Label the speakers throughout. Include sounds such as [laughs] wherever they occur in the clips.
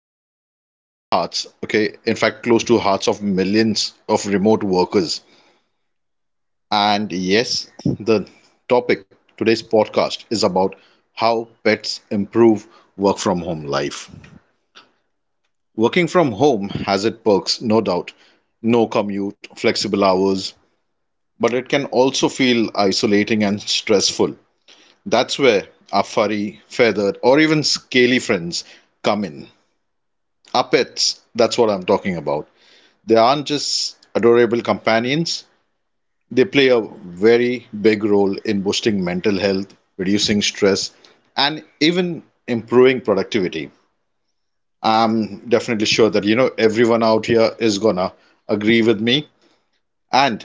Speaker 1: close to our hearts. Okay, in fact, close to hearts of millions of remote workers. And yes, the topic today's podcast is about how pets improve work from home life. Working from home has its perks, no doubt. No commute, flexible hours, but it can also feel isolating and stressful. That's where our furry, feathered, or even scaly friends come in. Our pets, that's what I'm talking about. They aren't just adorable companions. They play a very big role in boosting mental health, reducing stress, and even improving productivity. I'm definitely sure that everyone out here is gonna agree with me. And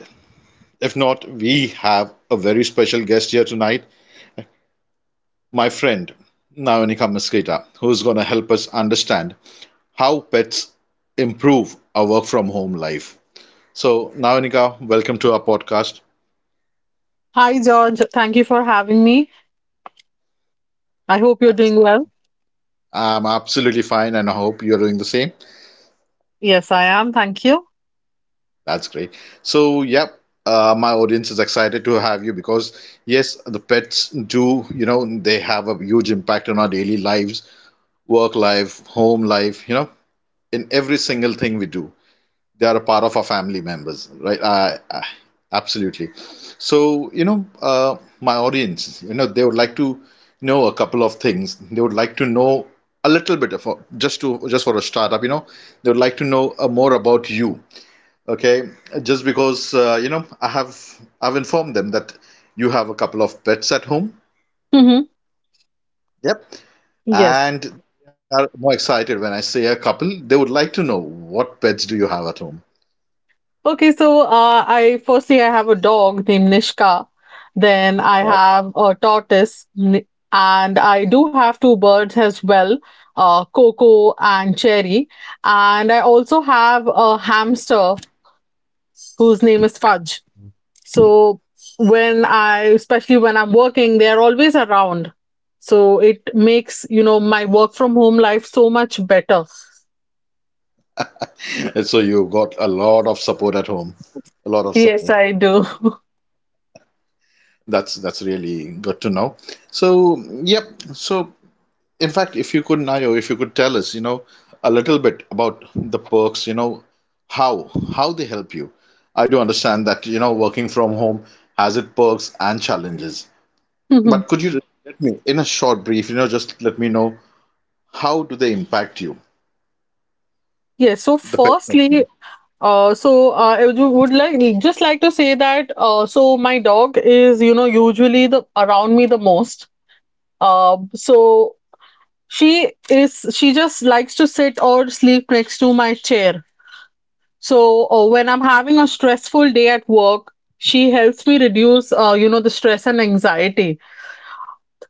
Speaker 1: if not, we have a very special guest here tonight, my friend Nayonika Mosqueda, who's gonna help us understand how pets improve our work from home life. So, Nayonika, welcome to our podcast.
Speaker 2: Hi, George. Thank you for having me. I hope you're
Speaker 1: I'm
Speaker 2: doing well.
Speaker 1: absolutely fine and I hope you're doing the same.
Speaker 2: Yes, I am. Thank you.
Speaker 1: That's great. So, yep, my audience is excited to have you because, yes, the pets do, they have a huge impact on our daily lives, work life, home life, in every single thing we do. They are a part of our family members, right? Absolutely. So, my audience, they would like to know a couple of things. They would like to know a little bit of, just for a startup, they would like to know more about you. Okay, just because you know I have I've informed them that you have a couple of pets at home.
Speaker 2: Mm-hmm.
Speaker 1: Yep.
Speaker 2: Yes.
Speaker 1: And they are more excited when I say a couple. They would like to know what pets do you have at home.
Speaker 2: Okay, so I firstly I have a dog named Nishka. Then I
Speaker 1: Wow.
Speaker 2: have a tortoise, and I do have two birds as well, Coco and Cherry. And I also have a hamster whose name is Fudge. So especially when I'm working, they're always around. So it makes, you know, my work from home life so much better.
Speaker 1: And [laughs] so you got a lot of support at home, a lot of
Speaker 2: Yes,
Speaker 1: support.
Speaker 2: I do. [laughs]
Speaker 1: That's really good to know. So yep. So in fact, if you could, Nayo, if you could tell us, a little bit about the perks, how they help you. I do understand that, working from home has its perks and challenges.
Speaker 2: Mhm.
Speaker 1: But could you let me, in a short brief, just let me know how do they impact you,
Speaker 2: Yes. So
Speaker 1: the pets around you?
Speaker 2: firstly, I would just like to say that so my dog is, you know, usually the around me the most. So she just likes to sit or sleep next to my chair. So when I'm having a stressful day at work, she helps me reduce, you know, the stress and anxiety.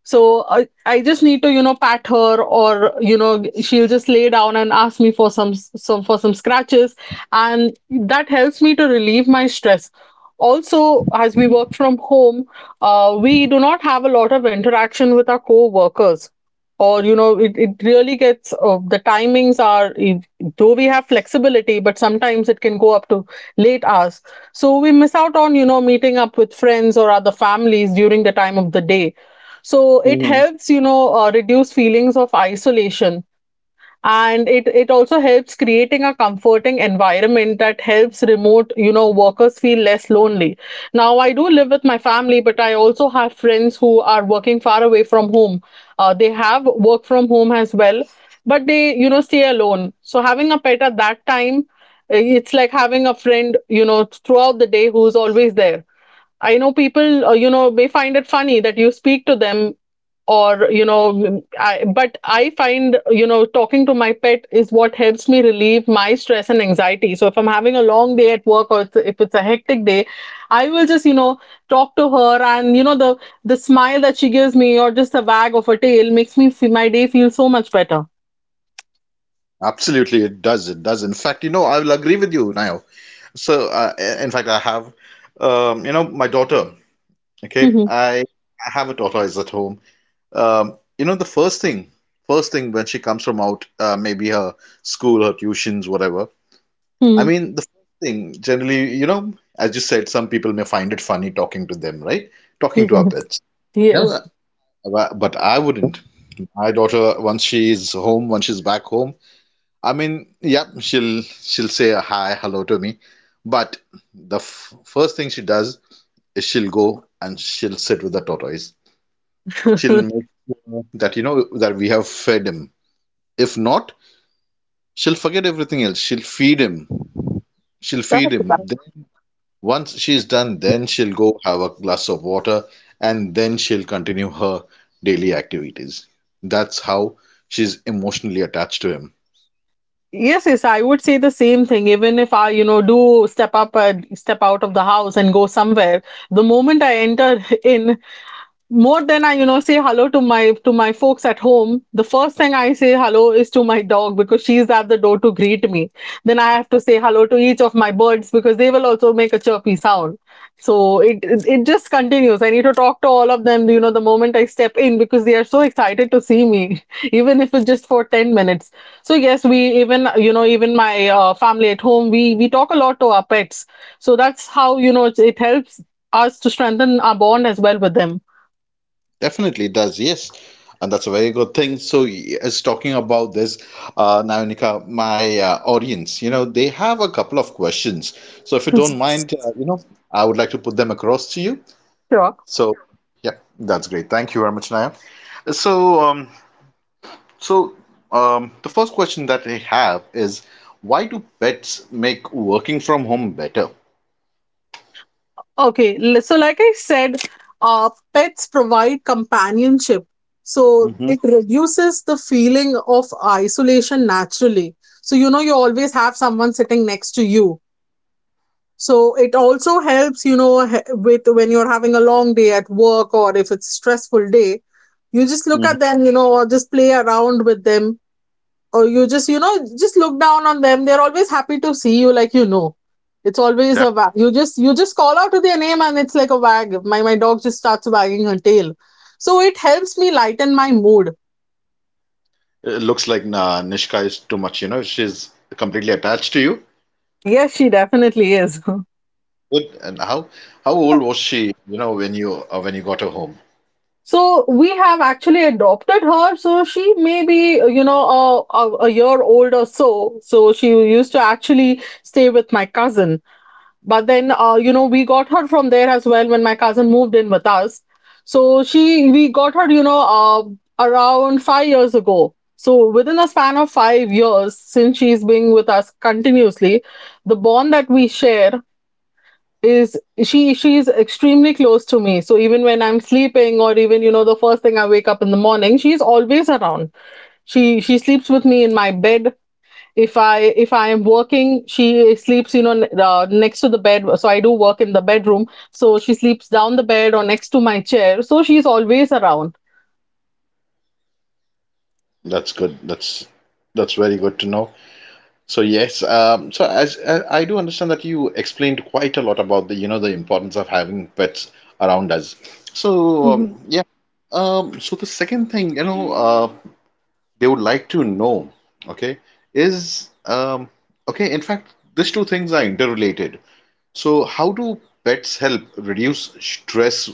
Speaker 2: So I just need to, you know, pat her or, you know, she'll just lay down and ask me for some scratches. And that helps me to relieve my stress. Also, as we work from home, we do not have a lot of interaction with our co-workers. Or, you know, it really gets, the timings are, though we have flexibility, but sometimes it can go up to late hours. So we miss out on, you know, meeting up with friends or other families during the time of the day, so it
Speaker 1: Mhm.
Speaker 2: helps, reduce feelings of isolation. And it also helps creating a comforting environment that helps remote, you know, workers feel less lonely. Now, I do live with my family, but I also have friends who are working far away from home. They have work from home as well, but they, you know, stay alone. So having a pet at that time, it's like having a friend, you know, throughout the day who's always there. I know people, you know, may find it funny that you speak to them or I find, you know, talking to my pet is what helps me relieve my stress and anxiety. So if I'm having a long day at work, or if it's a hectic day, I will just, you know, talk to her. And, you know, the smile that she gives me or just a wag of her tail makes me see my day feel so much better.
Speaker 1: Absolutely, it does. It does. In fact, I will agree with you, Nayo. So, in fact, I have, my daughter. Okay,
Speaker 2: Mhm,
Speaker 1: I, I have a daughter is at home. You know, first thing when she comes from out, maybe her school, her tuitions, whatever. I
Speaker 2: mhm.
Speaker 1: mean, the first thing generally, as you said, some people may find it funny talking to them, right? Talking
Speaker 2: Yes,
Speaker 1: to our pets. No,
Speaker 2: yes.
Speaker 1: but I wouldn't. My daughter, once she's home, once she's back home, I mean, yeah, she'll say a hi, hello to me, but the f first thing she does is she'll go and she'll sit with the tortoise. She'll make sure that you know that we have fed him. If not, she'll forget everything else. She'll feed him. She'll feed
Speaker 2: That's
Speaker 1: him.
Speaker 2: right.
Speaker 1: Then once she's done, then she'll go have a glass of water and then she'll continue her daily activities. That's how she's emotionally attached to him.
Speaker 2: Yes, yes, I would say the same thing. Even if I, you know, step out of the house and go somewhere, the moment I enter [laughs] in, more than I, you know, say hello to my folks at home, the first thing I say hello is to my dog because she's at the door to greet me. Then I have to say hello to each of my birds because they will also make a chirpy sound. So it just continues. I need to talk to all of them, you know, the moment I step in because they are so excited to see me, [laughs] even if it's just for 10 minutes. So yes, we even, you know, even my family at home, we talk a lot to our pets. So that's how, you know, it helps us to strengthen our bond as well with them.
Speaker 1: Definitely does, yes. And that's a very good thing. So, as talking about this, Nayonika, my audience, they have a couple of questions. So, if you
Speaker 2: Sure.
Speaker 1: don't mind, I would like to put them across to you. So, yeah, that's great. Thank you very much, Naya. So, um, so the first question that I have is, why do pets make working from home better?
Speaker 2: Okay. So, like I said, pets provide companionship. So,
Speaker 1: Mm-hmm.
Speaker 2: it reduces the feeling of isolation naturally. So, you know, you always have someone sitting next to you. So, it also helps, with when you're having a long day at work or if it's stressful day, you just look at
Speaker 1: Hmm.
Speaker 2: them, you know, or just play around with them, or you just, you know, just look down on them. They're always happy to see you. Like, you know, it's always a
Speaker 1: Def-
Speaker 2: wag. You just call out to their name and it's like a wag. My dog just starts wagging her tail, so it helps me lighten my mood.
Speaker 1: It looks like nah, Nishka is too much. You know, she's completely attached to you.
Speaker 2: Yes, she definitely is.
Speaker 1: Good. And how old was she? You know, when you got her home.
Speaker 2: [laughs] So we have actually adopted her, so she may be, you know, a year old or so. So she used to actually stay with my cousin, but then, you know, we got her from there as well when my cousin moved in with us. So she we got her, you know, around 5 years ago. So within a span of 5 years since she's been with us continuously, the bond that we share is, she's extremely close to me. So even when I'm sleeping, or even, you know, the first thing I wake up in the morning, she's always around. She sleeps with me in my bed. If i if i am working, she sleeps, you know, next to the bed. So I do work in the bedroom, so she sleeps down the bed or next to my chair, so she's always around.
Speaker 1: That's good. That's very good to know. So yes, so as I do understand that you explained quite a lot about the you know the importance of having pets around us. So um,
Speaker 2: Hmm.
Speaker 1: yeah, so the second thing you know they would like to know, okay, is okay. In fact, these two things are interrelated. So how do pets help reduce stress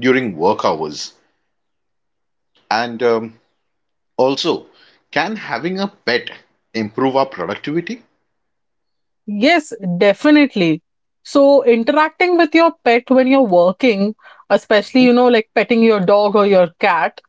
Speaker 1: during work hours? And also, can having a pet improve our productivity?
Speaker 2: Yes, definitely. So interacting with your pet when you're working, especially, you know, like petting your dog or your cat,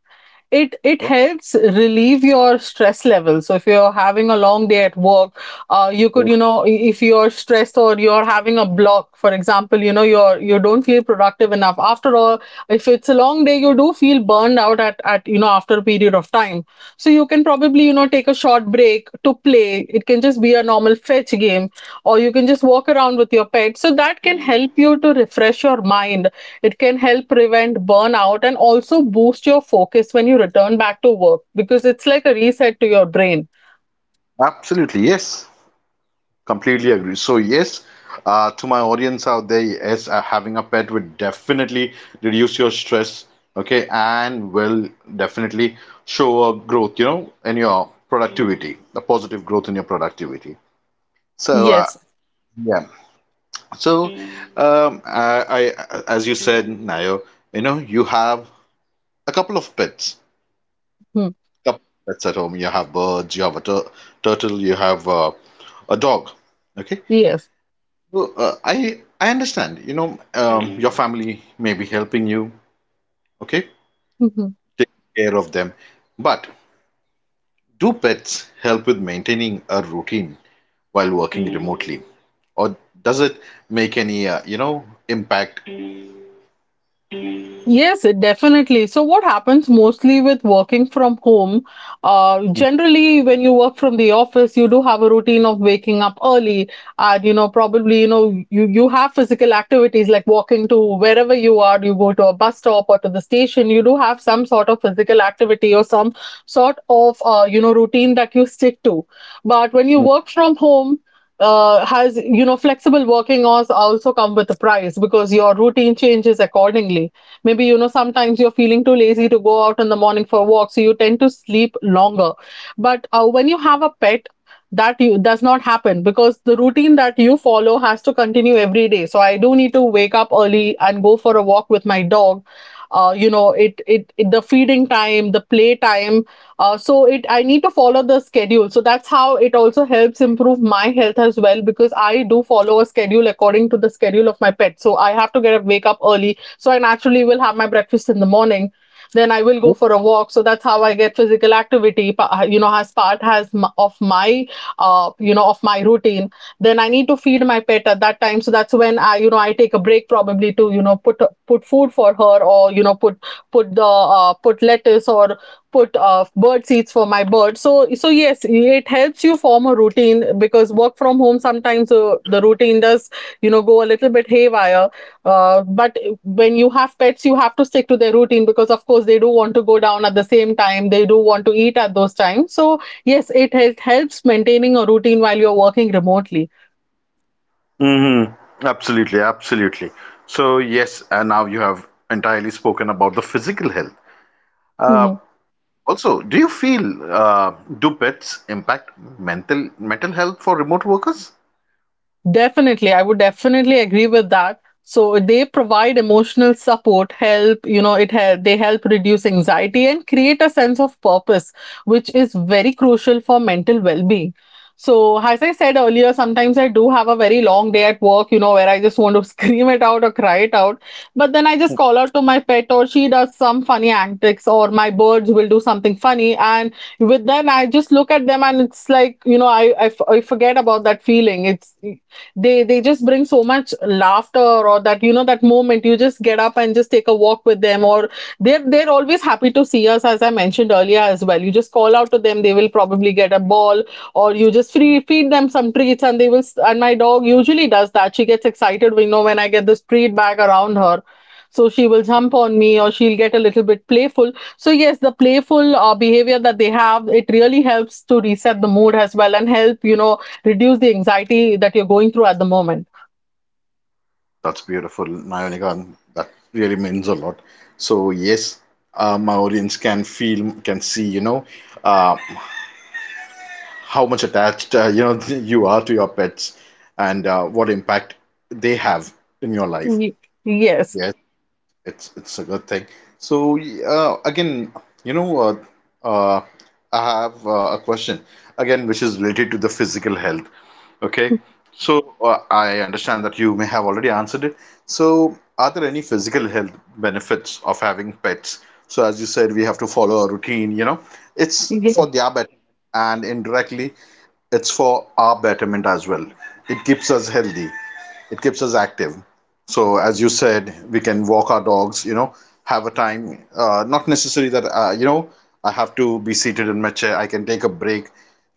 Speaker 2: it helps relieve your stress level. So if you're having a long day at work, you could,
Speaker 1: Oh,
Speaker 2: you know, if you're stressed or you're having a block, for example, you know, you're you don't feel productive enough. After all, if it's a long day, you do feel burned out at you know, after a period of time. So you can probably, you know, take a short break to play. It can just be a normal fetch game, or you can just walk around with your pet, so that can help you to refresh your mind. It can help prevent burnout and also boost your focus when you return back to work because it's like a reset to your brain.
Speaker 1: absolutely, yes. Completely agree. So yes, to my audience out there, yes, having a pet would definitely reduce your stress, okay, and will definitely show a growth, in your productivity, a positive growth in your productivity. So uh,
Speaker 2: Yes.
Speaker 1: yeah, so I, as you said, Nayo, you have a
Speaker 2: Hmm.
Speaker 1: couple of pets at home. You have birds, you have a turtle, you have a dog, okay.
Speaker 2: Yes.
Speaker 1: Well, I understand. You know, your family may be helping you. Okay,
Speaker 2: Mhm.
Speaker 1: take care of them. But do pets help with maintaining a routine while working remotely, or does it make any impact?
Speaker 2: Yes, it definitely. So, what happens mostly with working from home? Generally, when you work from the office, you do have a routine of waking up early, and you know, probably, you know, you have physical activities like walking to wherever you are. You go to a bus stop or to the station. You do have some sort of physical activity or some sort of you know, routine that you stick to. But when you work from home, has you know, flexible working hours also come with a price because your routine changes accordingly. Maybe, you know, sometimes you're feeling too lazy to go out in the morning for a walk, so you tend to sleep longer. But when you have a pet, does not happen, because the routine that you follow has to continue every day. So I do need to wake up early and go for a walk with my dog. You know, it the feeding time, the play time, so it I need to follow the schedule. So that's how it also helps improve my health as well, because I do follow a schedule according to the schedule of my pet. So I have to get up wake up early, so I naturally will have my breakfast in the morning. Then I will go for a walk. So that's how I get physical activity, you know, as part has of my, you know, of my routine. Then I need to feed my pet at that time. So that's when I, you know, I take a break probably to, you know, put food for her, or you know, put the put lettuce, or put bird seeds for my bird. So so yes, it helps you form a routine, because work from home sometimes, the routine does, you know, go a little bit haywire, but when you have pets, you have to stick to their routine because, of course, they do want to go down at the same time. They do want to eat at those times. So, yes, it helps maintaining a routine while you're working remotely.
Speaker 1: Mm-hmm. Absolutely, absolutely. So yes, and now you have entirely spoken about the physical health. Uh,
Speaker 2: Mhm.
Speaker 1: also, do you feel do pets impact mental health for remote workers?
Speaker 2: Definitely, I would definitely agree with that. So they provide emotional support, help, you know, it help they help reduce anxiety and create a sense of purpose, which is very crucial for mental well-being. So as I said earlier, sometimes I do have a very long day at work, you know, where I just want to [laughs] scream it out or cry it out. But then I just call out to my pet, or she does some funny antics, or my birds will do something funny. And with then I just look at them and it's like, you know, I forget about that feeling. It's they just bring so much laughter. Or that moment you just get up and just take a walk with them. Or they're always happy to see us, as I mentioned earlier as well. You just call out to them, they will probably get a ball, or you just free feed them some treats and they will. And my dog usually does that, she gets excited. We know when I get this treat bag around her, so she will jump on me, or she'll get a little bit playful. So yes, the playful behavior that they have, it really helps to reset the mood as well and help, you know, reduce the anxiety that you're going through at the moment.
Speaker 1: That's beautiful, Nayonika. That really means a lot. So yes, my audience can feel, can see, uh, how much attached [laughs] you are to your pets, and what impact they have in your life.
Speaker 2: Ye- Yes.
Speaker 1: Yes. It's a good thing. So again, you know, uh, uh, I have a question again, which is related to the physical health. Okay, so I understand that you may have already answered it. So, are there any physical health benefits of having pets? So, as you said, we have to follow a routine. You know, it's for
Speaker 2: Ye-
Speaker 1: their betterment, and indirectly, it's for our betterment as well. It keeps us healthy. It keeps us active. So as you said, we can walk our dogs, have a time. Not necessary that you know I have to be seated in my chair. I can take a break.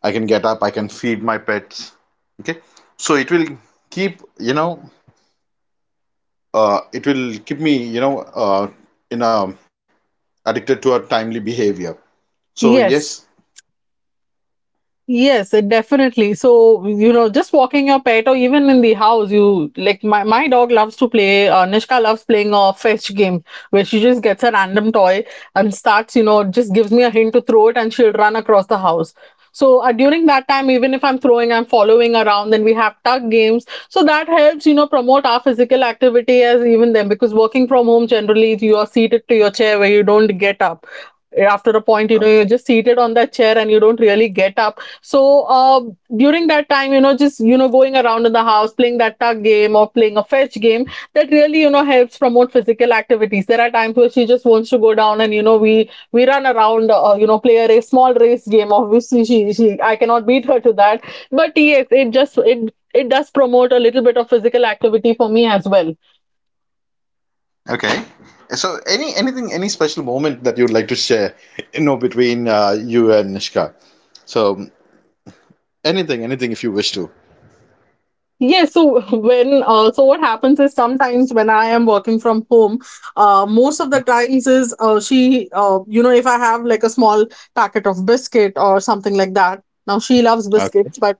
Speaker 1: I can get up. I can feed my pets. Okay, so it will keep you know it will keep me you know in a addicted to a timely behavior. So yes,
Speaker 2: Yes. Yes, definitely. So, you know, just walking your pet or even in the house, you like my dog loves to play. Nishka loves playing a fetch game where she just gets a random toy and starts, you know, just gives me a hint to throw it, and she'll run across the house. So, during that time, even if I'm throwing, I'm following around, then we have tug games. So that helps, you know, promote our physical activity as even then, because working from home, generally you are seated to your chair where you don't get up. After a point, you know, you're just seated on that chair and you don't really get up, so during that time, you know, just, you know, going around in the house, playing that tug game or playing a fetch game, that really, you know, helps promote physical activities. There are times where she just wants to go down, and you know we run around, you know, play a race, small race game. Obviously, she I cannot beat her to that, but yes, it just it it does promote a little bit of physical activity for me as well.
Speaker 1: okay. So any anything any special moment that you'd like to share, between you and Nishka. So anything anything if you wish to.
Speaker 2: Yes, so [laughs] when so what happens is sometimes when I am working from home, most of the times is she you know, if I have like a small packet of biscuit or something like that. Now she loves
Speaker 1: Okay.
Speaker 2: biscuits, but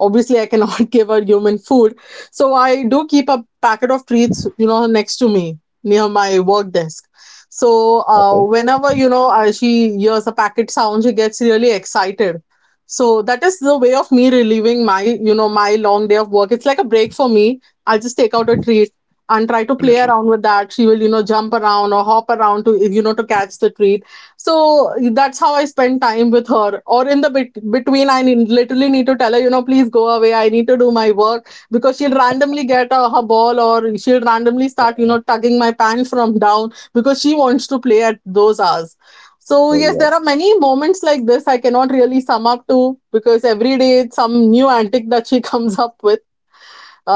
Speaker 2: obviously I cannot [laughs] give her human food, so I do keep a packet of treats, you know, next to me near my work desk. So
Speaker 1: Okay.
Speaker 2: whenever, you know, she hears a packet sound, she gets really excited, so that is the way of me relieving my, you know, my long day of work. It's like a break for me. I'll just take out a treat and try to play
Speaker 1: Definitely.
Speaker 2: around with that. She will, you know, jump around or hop around to, you know, to catch the treat. So that's how I spend time with her. Or in the between, literally need to tell her, you know, please go away. I need to do my work, because she'll randomly get her ball, or she'll randomly start, you know, tugging my pants from down because she wants to play at those hours. So
Speaker 1: Oh
Speaker 2: yes,
Speaker 1: yeah,
Speaker 2: there are many moments like this, I cannot really sum up to, because every day it's some new antic that she [laughs] comes up with.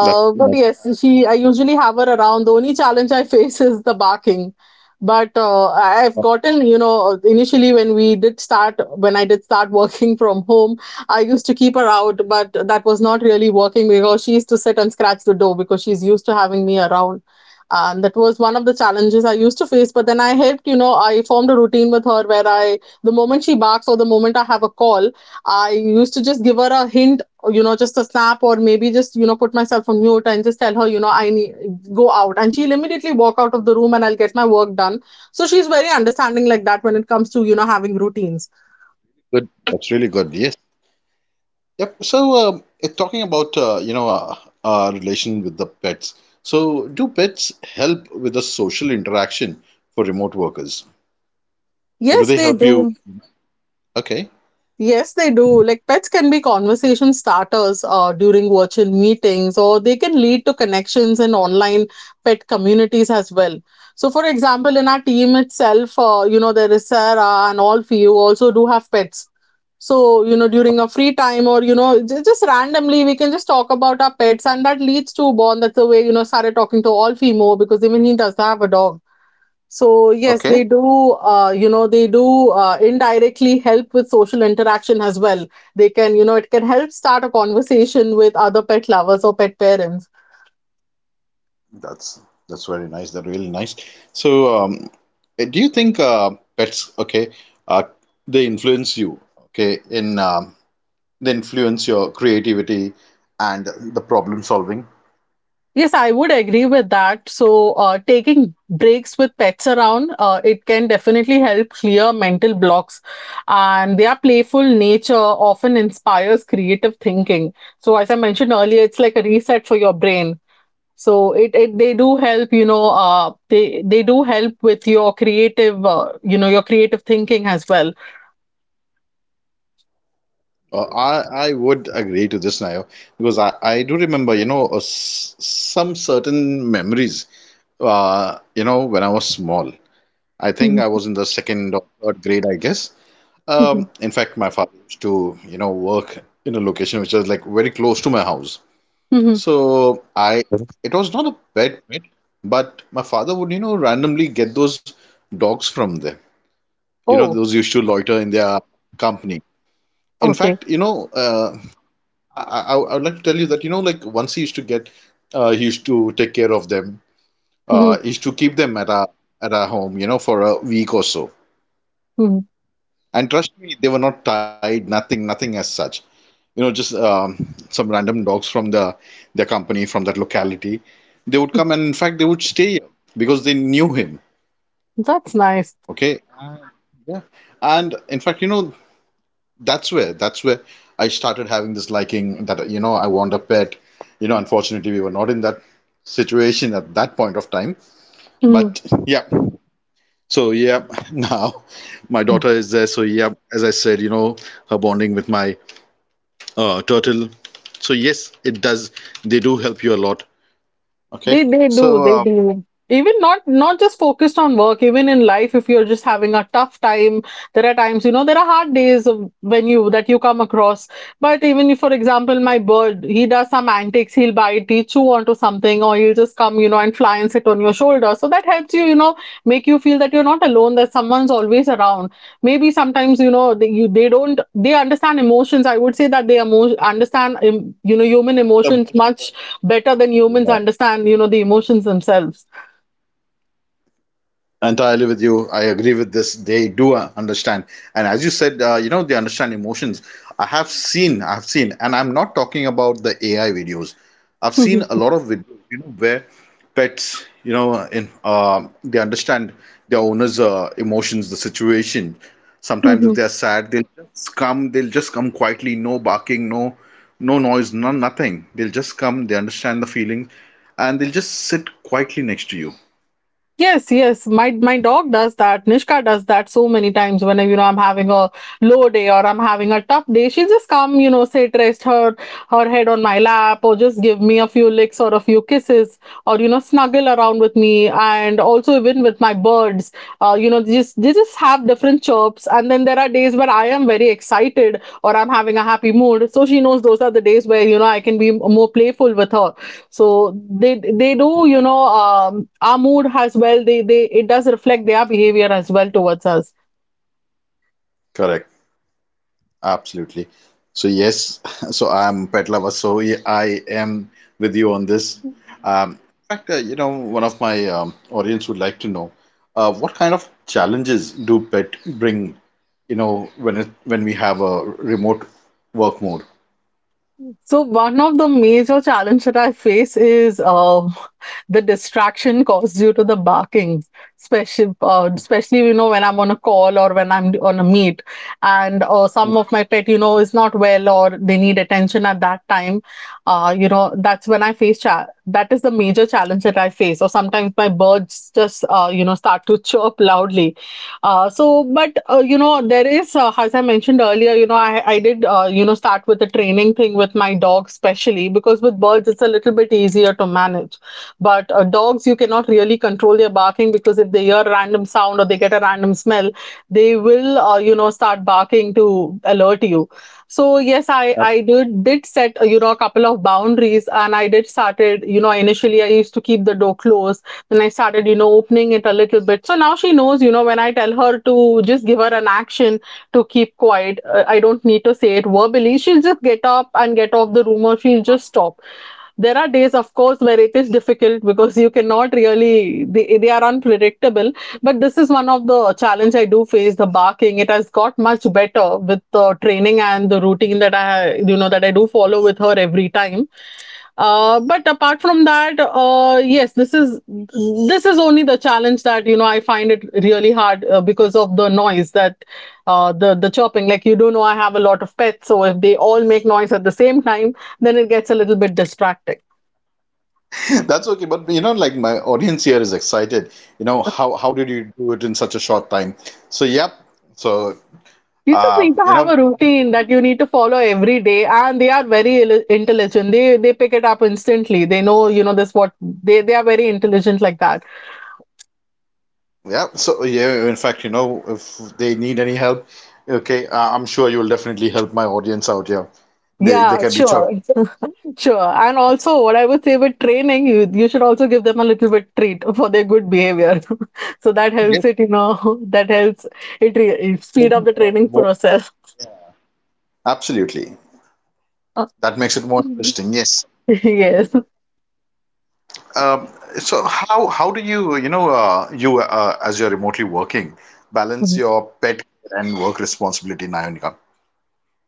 Speaker 1: that's
Speaker 2: but
Speaker 1: that's
Speaker 2: yes, she I usually have her around. The only challenge I [laughs] face is the barking. But I've
Speaker 1: that's
Speaker 2: gotten, you know, initially when we did start, when I did start working [laughs] from home, I used to keep her out, but that was not really working because she used to sit and scratch the door, because she's used to having me around. And that was one of the challenges I used to face. But then I helped, you know, I formed a routine with her where I, the moment she barks or the moment I have a call, I used to just give her a hint, you know, just a snap, or maybe just, you know, put myself on mute and just tell her, you know, I need go out. And she'll immediately walk out of the room and I'll get my work done. So she's very understanding like that when it comes to, you know, having routines.
Speaker 1: good. That's really good. Yes. Yep. So, talking about our relation with the pets. So, do pets help with the social interaction for remote workers, or do
Speaker 2: Yes,
Speaker 1: they
Speaker 2: they
Speaker 1: help you?
Speaker 2: do.
Speaker 1: Okay.
Speaker 2: Yes, they do. Like pets can be conversation starters during virtual meetings, or they can lead to connections in online pet communities as well. So, for example, in our team itself, you know, there is Sarah, and all of you also do have pets. So, you know, during a free time, or, you know, just randomly, we can just talk about our pets, and that leads to a bond. That's the way, you know, started talking to all more, because even he does have a dog. So yes,
Speaker 1: Okay.
Speaker 2: they do. You know, they do indirectly help with social interaction as well. They can, you know, it can help start a conversation with other pet lovers or pet parents.
Speaker 1: That's very nice. That's really nice. So, do you think pets? Okay. Uh, they influence you. Okay. In they influence your creativity and the problem solving.
Speaker 2: Yes, I would agree with that. So taking breaks with pets around, it can definitely help clear mental blocks, and their playful nature often inspires creative thinking. So as I mentioned earlier, it's like a reset for your brain. So it they do help, you know, they do help with your creative, you know, your creative thinking as well.
Speaker 1: I would agree to this, Nayo, because I do remember, you know, s some certain memories, you know, when I was small. I think
Speaker 2: Mhm,
Speaker 1: I was in the second or third grade, I guess.
Speaker 2: mhm,
Speaker 1: In fact, my father used to, work in a location which was like very close to my house.
Speaker 2: mhm.
Speaker 1: So I, it was not a pet, but my father would, randomly get those dogs from there. You know,
Speaker 2: Oh,
Speaker 1: those used to loiter in their company. In
Speaker 2: okay.
Speaker 1: fact, I would like to tell you that, like once he used to get, he used to take care of them,
Speaker 2: Mhm,
Speaker 1: he used to keep them at our home, for a week or so.
Speaker 2: mhm.
Speaker 1: And trust me, they were not tied, nothing, nothing as such. You know, just some random dogs from the their company from that locality. They would come and in fact they would stay here because they knew him.
Speaker 2: That's nice.
Speaker 1: Okay. Yeah. And in fact, that's where I started having this liking that you know I want a pet. You know, unfortunately, we were not in that situation at that point of time.
Speaker 2: Mhm.
Speaker 1: But yeah, so yeah, [laughs] now my daughter is there. So yeah, as I said, her bonding with my turtle. So yes, it does. They do help you a lot. Okay.
Speaker 2: They do,
Speaker 1: So
Speaker 2: they
Speaker 1: um,
Speaker 2: do. Even not just focused on work, even in life, if you're just having a tough time, there are times, you know, there are hard days of when you that you come across. But even if, for example, my bird, he does some antics, he'll bite, he chew onto something, or he'll just come, you know, and fly and sit on your shoulder. So that helps you, you know, make you feel that you're not alone, that someone's always around. Maybe sometimes, you know, they, you they don't they understand emotions. I would say that they emo understand, you know, human emotions
Speaker 1: the
Speaker 2: much better than humans
Speaker 1: most
Speaker 2: understand, you know, the emotions themselves.
Speaker 1: entirely with you, I agree with this. They do understand. And as you said, you know, they understand emotions. I've seen, and I'm not talking about the AI videos. I've seen a
Speaker 2: [laughs]
Speaker 1: lot of videos, you know, where pets, you know, in they understand their owner's emotions, the situation. Sometimes if they're sad, they'll just come quietly. No barking, no noise, no, nothing. They'll just come, they understand the feeling, and they'll just sit quietly next to you.
Speaker 2: Yes, yes. My dog does that. Nishka does that so many times. Whenever, you know, I'm having a low day or I'm having a tough day, she will just come, you know, sit, rest her head on my lap, or just give me a few licks or a few kisses, or, you know, snuggle around with me. And also even with my birds, you know, they just have different chirps. And then there are days where I am very excited or I'm having a happy mood. So she knows those are the days where, you know, I can be more playful with her. So they do, you know, our mood as well, they it does reflect their behavior as well towards us.
Speaker 1: Correct. Absolutely. So yes, [laughs] so I'm pet lover. So yeah, I am with you on this. Um, in fact, one of my audience would like to know what kind of challenges do pet bring, you know, when it when we have a remote work mode.
Speaker 2: So one of the major challenge that I face is the distraction caused due to the barking, especially you know when I'm on a call or when I'm on a meet, and some of my pet, you know, is not well or they need attention at that time. You know, that's when I face cha- that is the major challenge that I face. Or sometimes my birds just you know start to chirp loudly. So, but you know, there is, as I mentioned earlier, you know, I did, you know, start with the training thing with my dog, especially because with birds, it's a little bit easier to manage. But dogs, you cannot really control their barking, because if they hear a random sound or they get a random smell, they will, you know, start barking to alert you. So yes, I
Speaker 1: Yep.
Speaker 2: I did set you know a couple of boundaries, and I did started, you know, initially I used to keep the door closed. Then I started, you know, opening it a little bit. So now she knows, you know, when I tell her to just give her an action to keep quiet, I don't need to say it verbally. She'll just get up and get off the room, or she'll just stop. There are days, of course, where it is difficult because you cannot really, they are unpredictable. But this is one of the challenge I do face, the barking. It has got much better with the training and the routine that I, you know, that I do follow with her every time. But apart from that, yes, this is only the challenge that, you know, I find it really hard, because of the noise that the chopping. Like you do know, I have a lot of pets, so if they all make noise at the same time, then it gets a little bit distracting.
Speaker 1: [laughs] That's okay, but you know, like my audience here is excited. You know, how did you do it in such a short time? So yeah, so
Speaker 2: You just
Speaker 1: uh,
Speaker 2: need to
Speaker 1: you
Speaker 2: have
Speaker 1: know,
Speaker 2: a routine that you need to follow every day, and they are very intelligent. They pick it up instantly. They know, you know, this what they are very intelligent like that.
Speaker 1: yeah, so yeah, in fact, you know, if they need any help, okay, I'm sure you'll definitely help my audience out here. They
Speaker 2: Yeah,
Speaker 1: can reach out.
Speaker 2: sure. Sure. And also, what I would say with training, you should also give them a little bit treat for their good behavior. [laughs] So that
Speaker 1: Yes,
Speaker 2: helps it. [laughs] That helps
Speaker 1: they
Speaker 2: speed up
Speaker 1: do,
Speaker 2: the training
Speaker 1: rewards.
Speaker 2: process.
Speaker 1: Absolutely. That makes it more interesting. Yes.
Speaker 2: [laughs] Yes.
Speaker 1: Um, so how do you, you know, you as you're remotely working, balance your pet care and work responsibility in Ionica?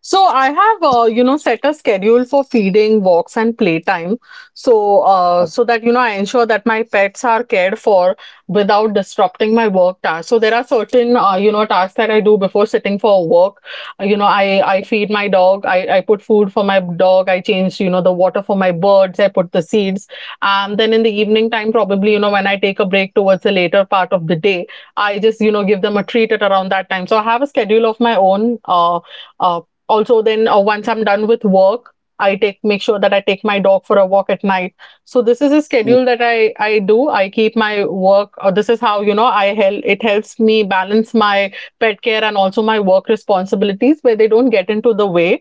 Speaker 2: So I have, you know, set a schedule for feeding, walks, and playtime. So that, you know, I ensure that my pets are cared for without disrupting my work tasks. So there are certain, you know, tasks that I do before sitting for work. You know, I feed my dog. I put food for my dog. I change, you know, the water for my birds. I put the seeds. And then in the evening time, probably, you know, when I take a break towards the later part of the day, I just, you know, give them a treat at around that time. So I have a schedule of my own. Uh, uh, also then once I'm done with work, I take make sure that I take my dog for a walk at night. So this is a schedule that I do. I keep my work. This is how, you know, I help, it helps me balance my pet care and also my work responsibilities where they don't get into the way.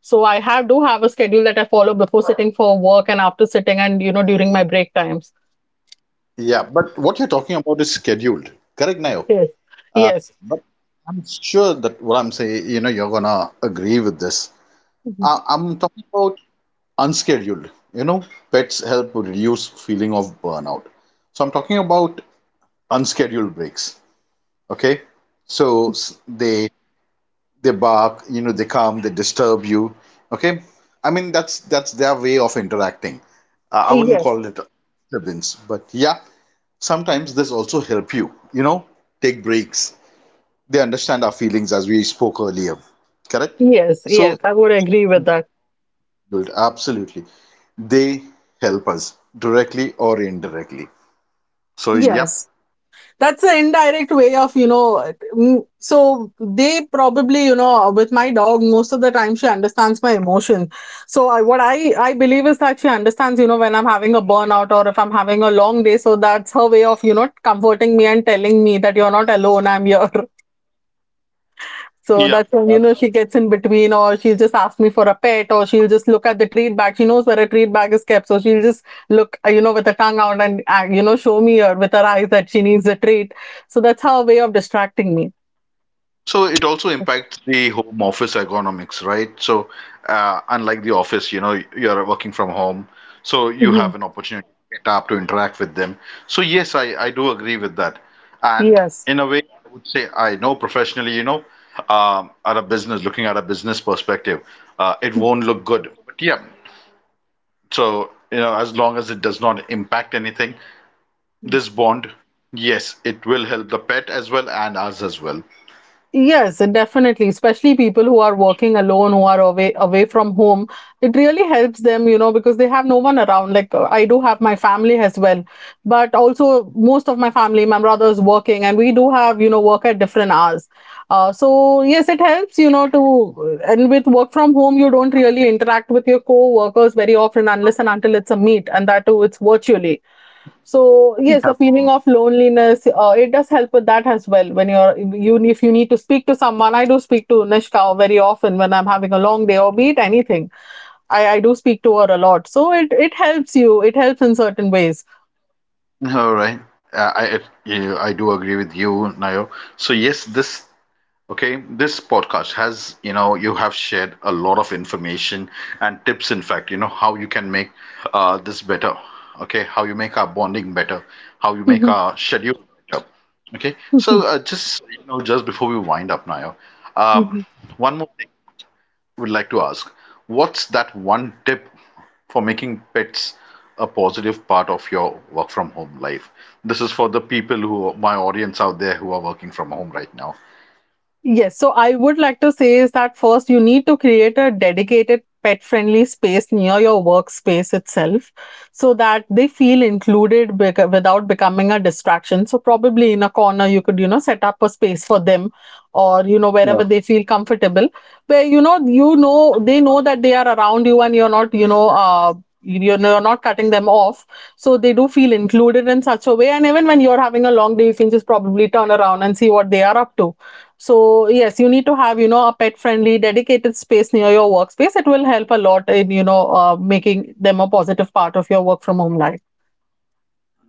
Speaker 2: So I have do have a schedule that I follow before sitting for work and after sitting and, you know, during my break times.
Speaker 1: Yeah, but what you're talking about is scheduled, correct, Nayo?
Speaker 2: Yes,
Speaker 1: Uh,
Speaker 2: yes.
Speaker 1: but I'm sure that what I'm saying, you know, you're gonna agree with this.
Speaker 2: Mhm.
Speaker 1: I'm talking about unscheduled. You know, pets help reduce feeling of burnout. So I'm talking about unscheduled breaks. Okay, so they bark. You know, they come. They disturb you. Okay, I mean that's their way of interacting. I wouldn't
Speaker 2: Yes,
Speaker 1: call it a disturbance, but yeah, sometimes this also help you. You know, take breaks. They understand our feelings as we spoke earlier. Correct.
Speaker 2: yes,
Speaker 1: So,
Speaker 2: I would agree with that.
Speaker 1: good, absolutely. They help us directly or indirectly. So, yep.
Speaker 2: Yes. That's an indirect way of, you know, so they probably, you know, with my dog most of the time, she understands my emotions. So what I believe is that she understands, you know, when I'm having a burnout or if I'm having a long day. So that's her way of, you know, comforting me and telling me that you're not alone, I'm here. [laughs] So
Speaker 1: Yeah.
Speaker 2: that's when, you know, she gets in between, or she'll just ask me for a pet, or she'll just look at the treat bag. She knows where a treat bag is kept. So she'll just look, you know, with her tongue out and, you know, show me her with her eyes that she needs a treat. So that's her way of distracting me.
Speaker 1: So it also impacts the home office ergonomics, right? So, unlike the office, you know, you're working from home, so you
Speaker 2: Mhm.
Speaker 1: have an opportunity to get up to interact with them. So, yes, I do agree with that. And
Speaker 2: Yes.
Speaker 1: in a way, I would say I know professionally, you know, at a business, looking at a business perspective, it won't look good. But yeah, so, you know, as long as it does not impact anything, this bond, yes, it will help the pet as well and us as well.
Speaker 2: Yes, definitely. Especially people who are working alone, who are away from home, it really helps them, you know, because they have no one around. Like, I do have my family as well, but also most of my family, my brother is working, and we do have, you know, work at different hours. So yes, it helps, you know, to, and with work from home, you don't really interact with your co-workers very often unless and until it's a meet, and that too, it's virtually. So yes, the feeling of loneliness, it does help with that as well. When you, if you need to speak to someone, I do speak to Nishka very often when I'm having a long day or be it anything. I do speak to her a lot. So it helps you. It helps in certain ways.
Speaker 1: All right. Yeah, I do agree with you, Nayo. So yes, this podcast has, you know, you have shared a lot of information and tips, in fact, you know, how you can make this better. Okay, how you make our bonding better, how you make our schedule better. Okay, so
Speaker 2: [laughs]
Speaker 1: just you know, just before we wind up, Nayo, um, one more thing we'd like to ask. What's that one tip for making pets a positive part of your work from home life? This is for the people who, my audience out there, who are working from home right now.
Speaker 2: Yes, so I would like to say is that first you need to create a dedicated pet friendly space near your workspace itself so that they feel without becoming a distraction. So probably in a corner you could, you know, set up a space for them, or, you know,
Speaker 1: Yeah.
Speaker 2: wherever they feel comfortable, where, you know, you know they know that they are around you and you're not, you know, you're you're not cutting them off. So they do feel included in such a way, and even when you're having a long day, you can just probably turn around and see what they are up to. So yes, you need to have, you know, a pet friendly dedicated space near your workspace. It will help a lot in, you know, making them a positive part of your work from home life.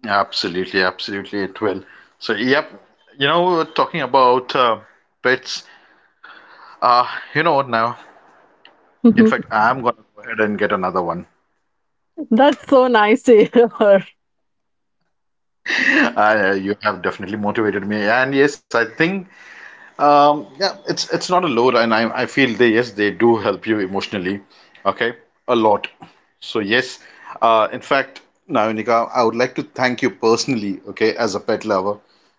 Speaker 1: Absolutely, absolutely, it will. So, yep, you know, we were talking about pets. Uh, you know what now? In fact, I'm gonna go ahead and get another one.
Speaker 2: [laughs] That's so nice to hear.
Speaker 1: You have definitely motivated me, and yes, I think yeah, it's not a load, and I feel they, yes, they do help you emotionally, okay, a lot. So yes, in fact, Nayonika, I would like to thank you personally, okay, as a pet lover,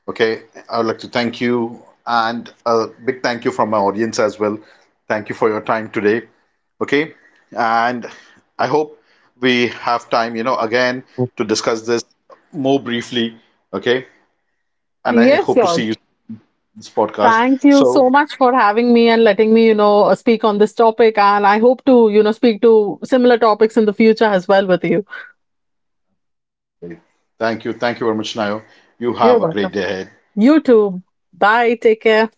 Speaker 1: okay. I would like to thank you and a big thank you from my audience as well. Thank you for your time today, okay, and I hope we have time, you know, again to discuss this more briefly, okay. And I
Speaker 2: Yes,
Speaker 1: hope to see you
Speaker 2: George.
Speaker 1: in this podcast.
Speaker 2: Thank you
Speaker 1: So.
Speaker 2: so much for having me and letting me, you know, speak on this topic. And I hope to, you know, speak to similar topics in the future as well with you.
Speaker 1: Thank you. Thank you very much, Nayo. You have a great day
Speaker 2: You're
Speaker 1: ahead.
Speaker 2: welcome. You too. Bye. Take care.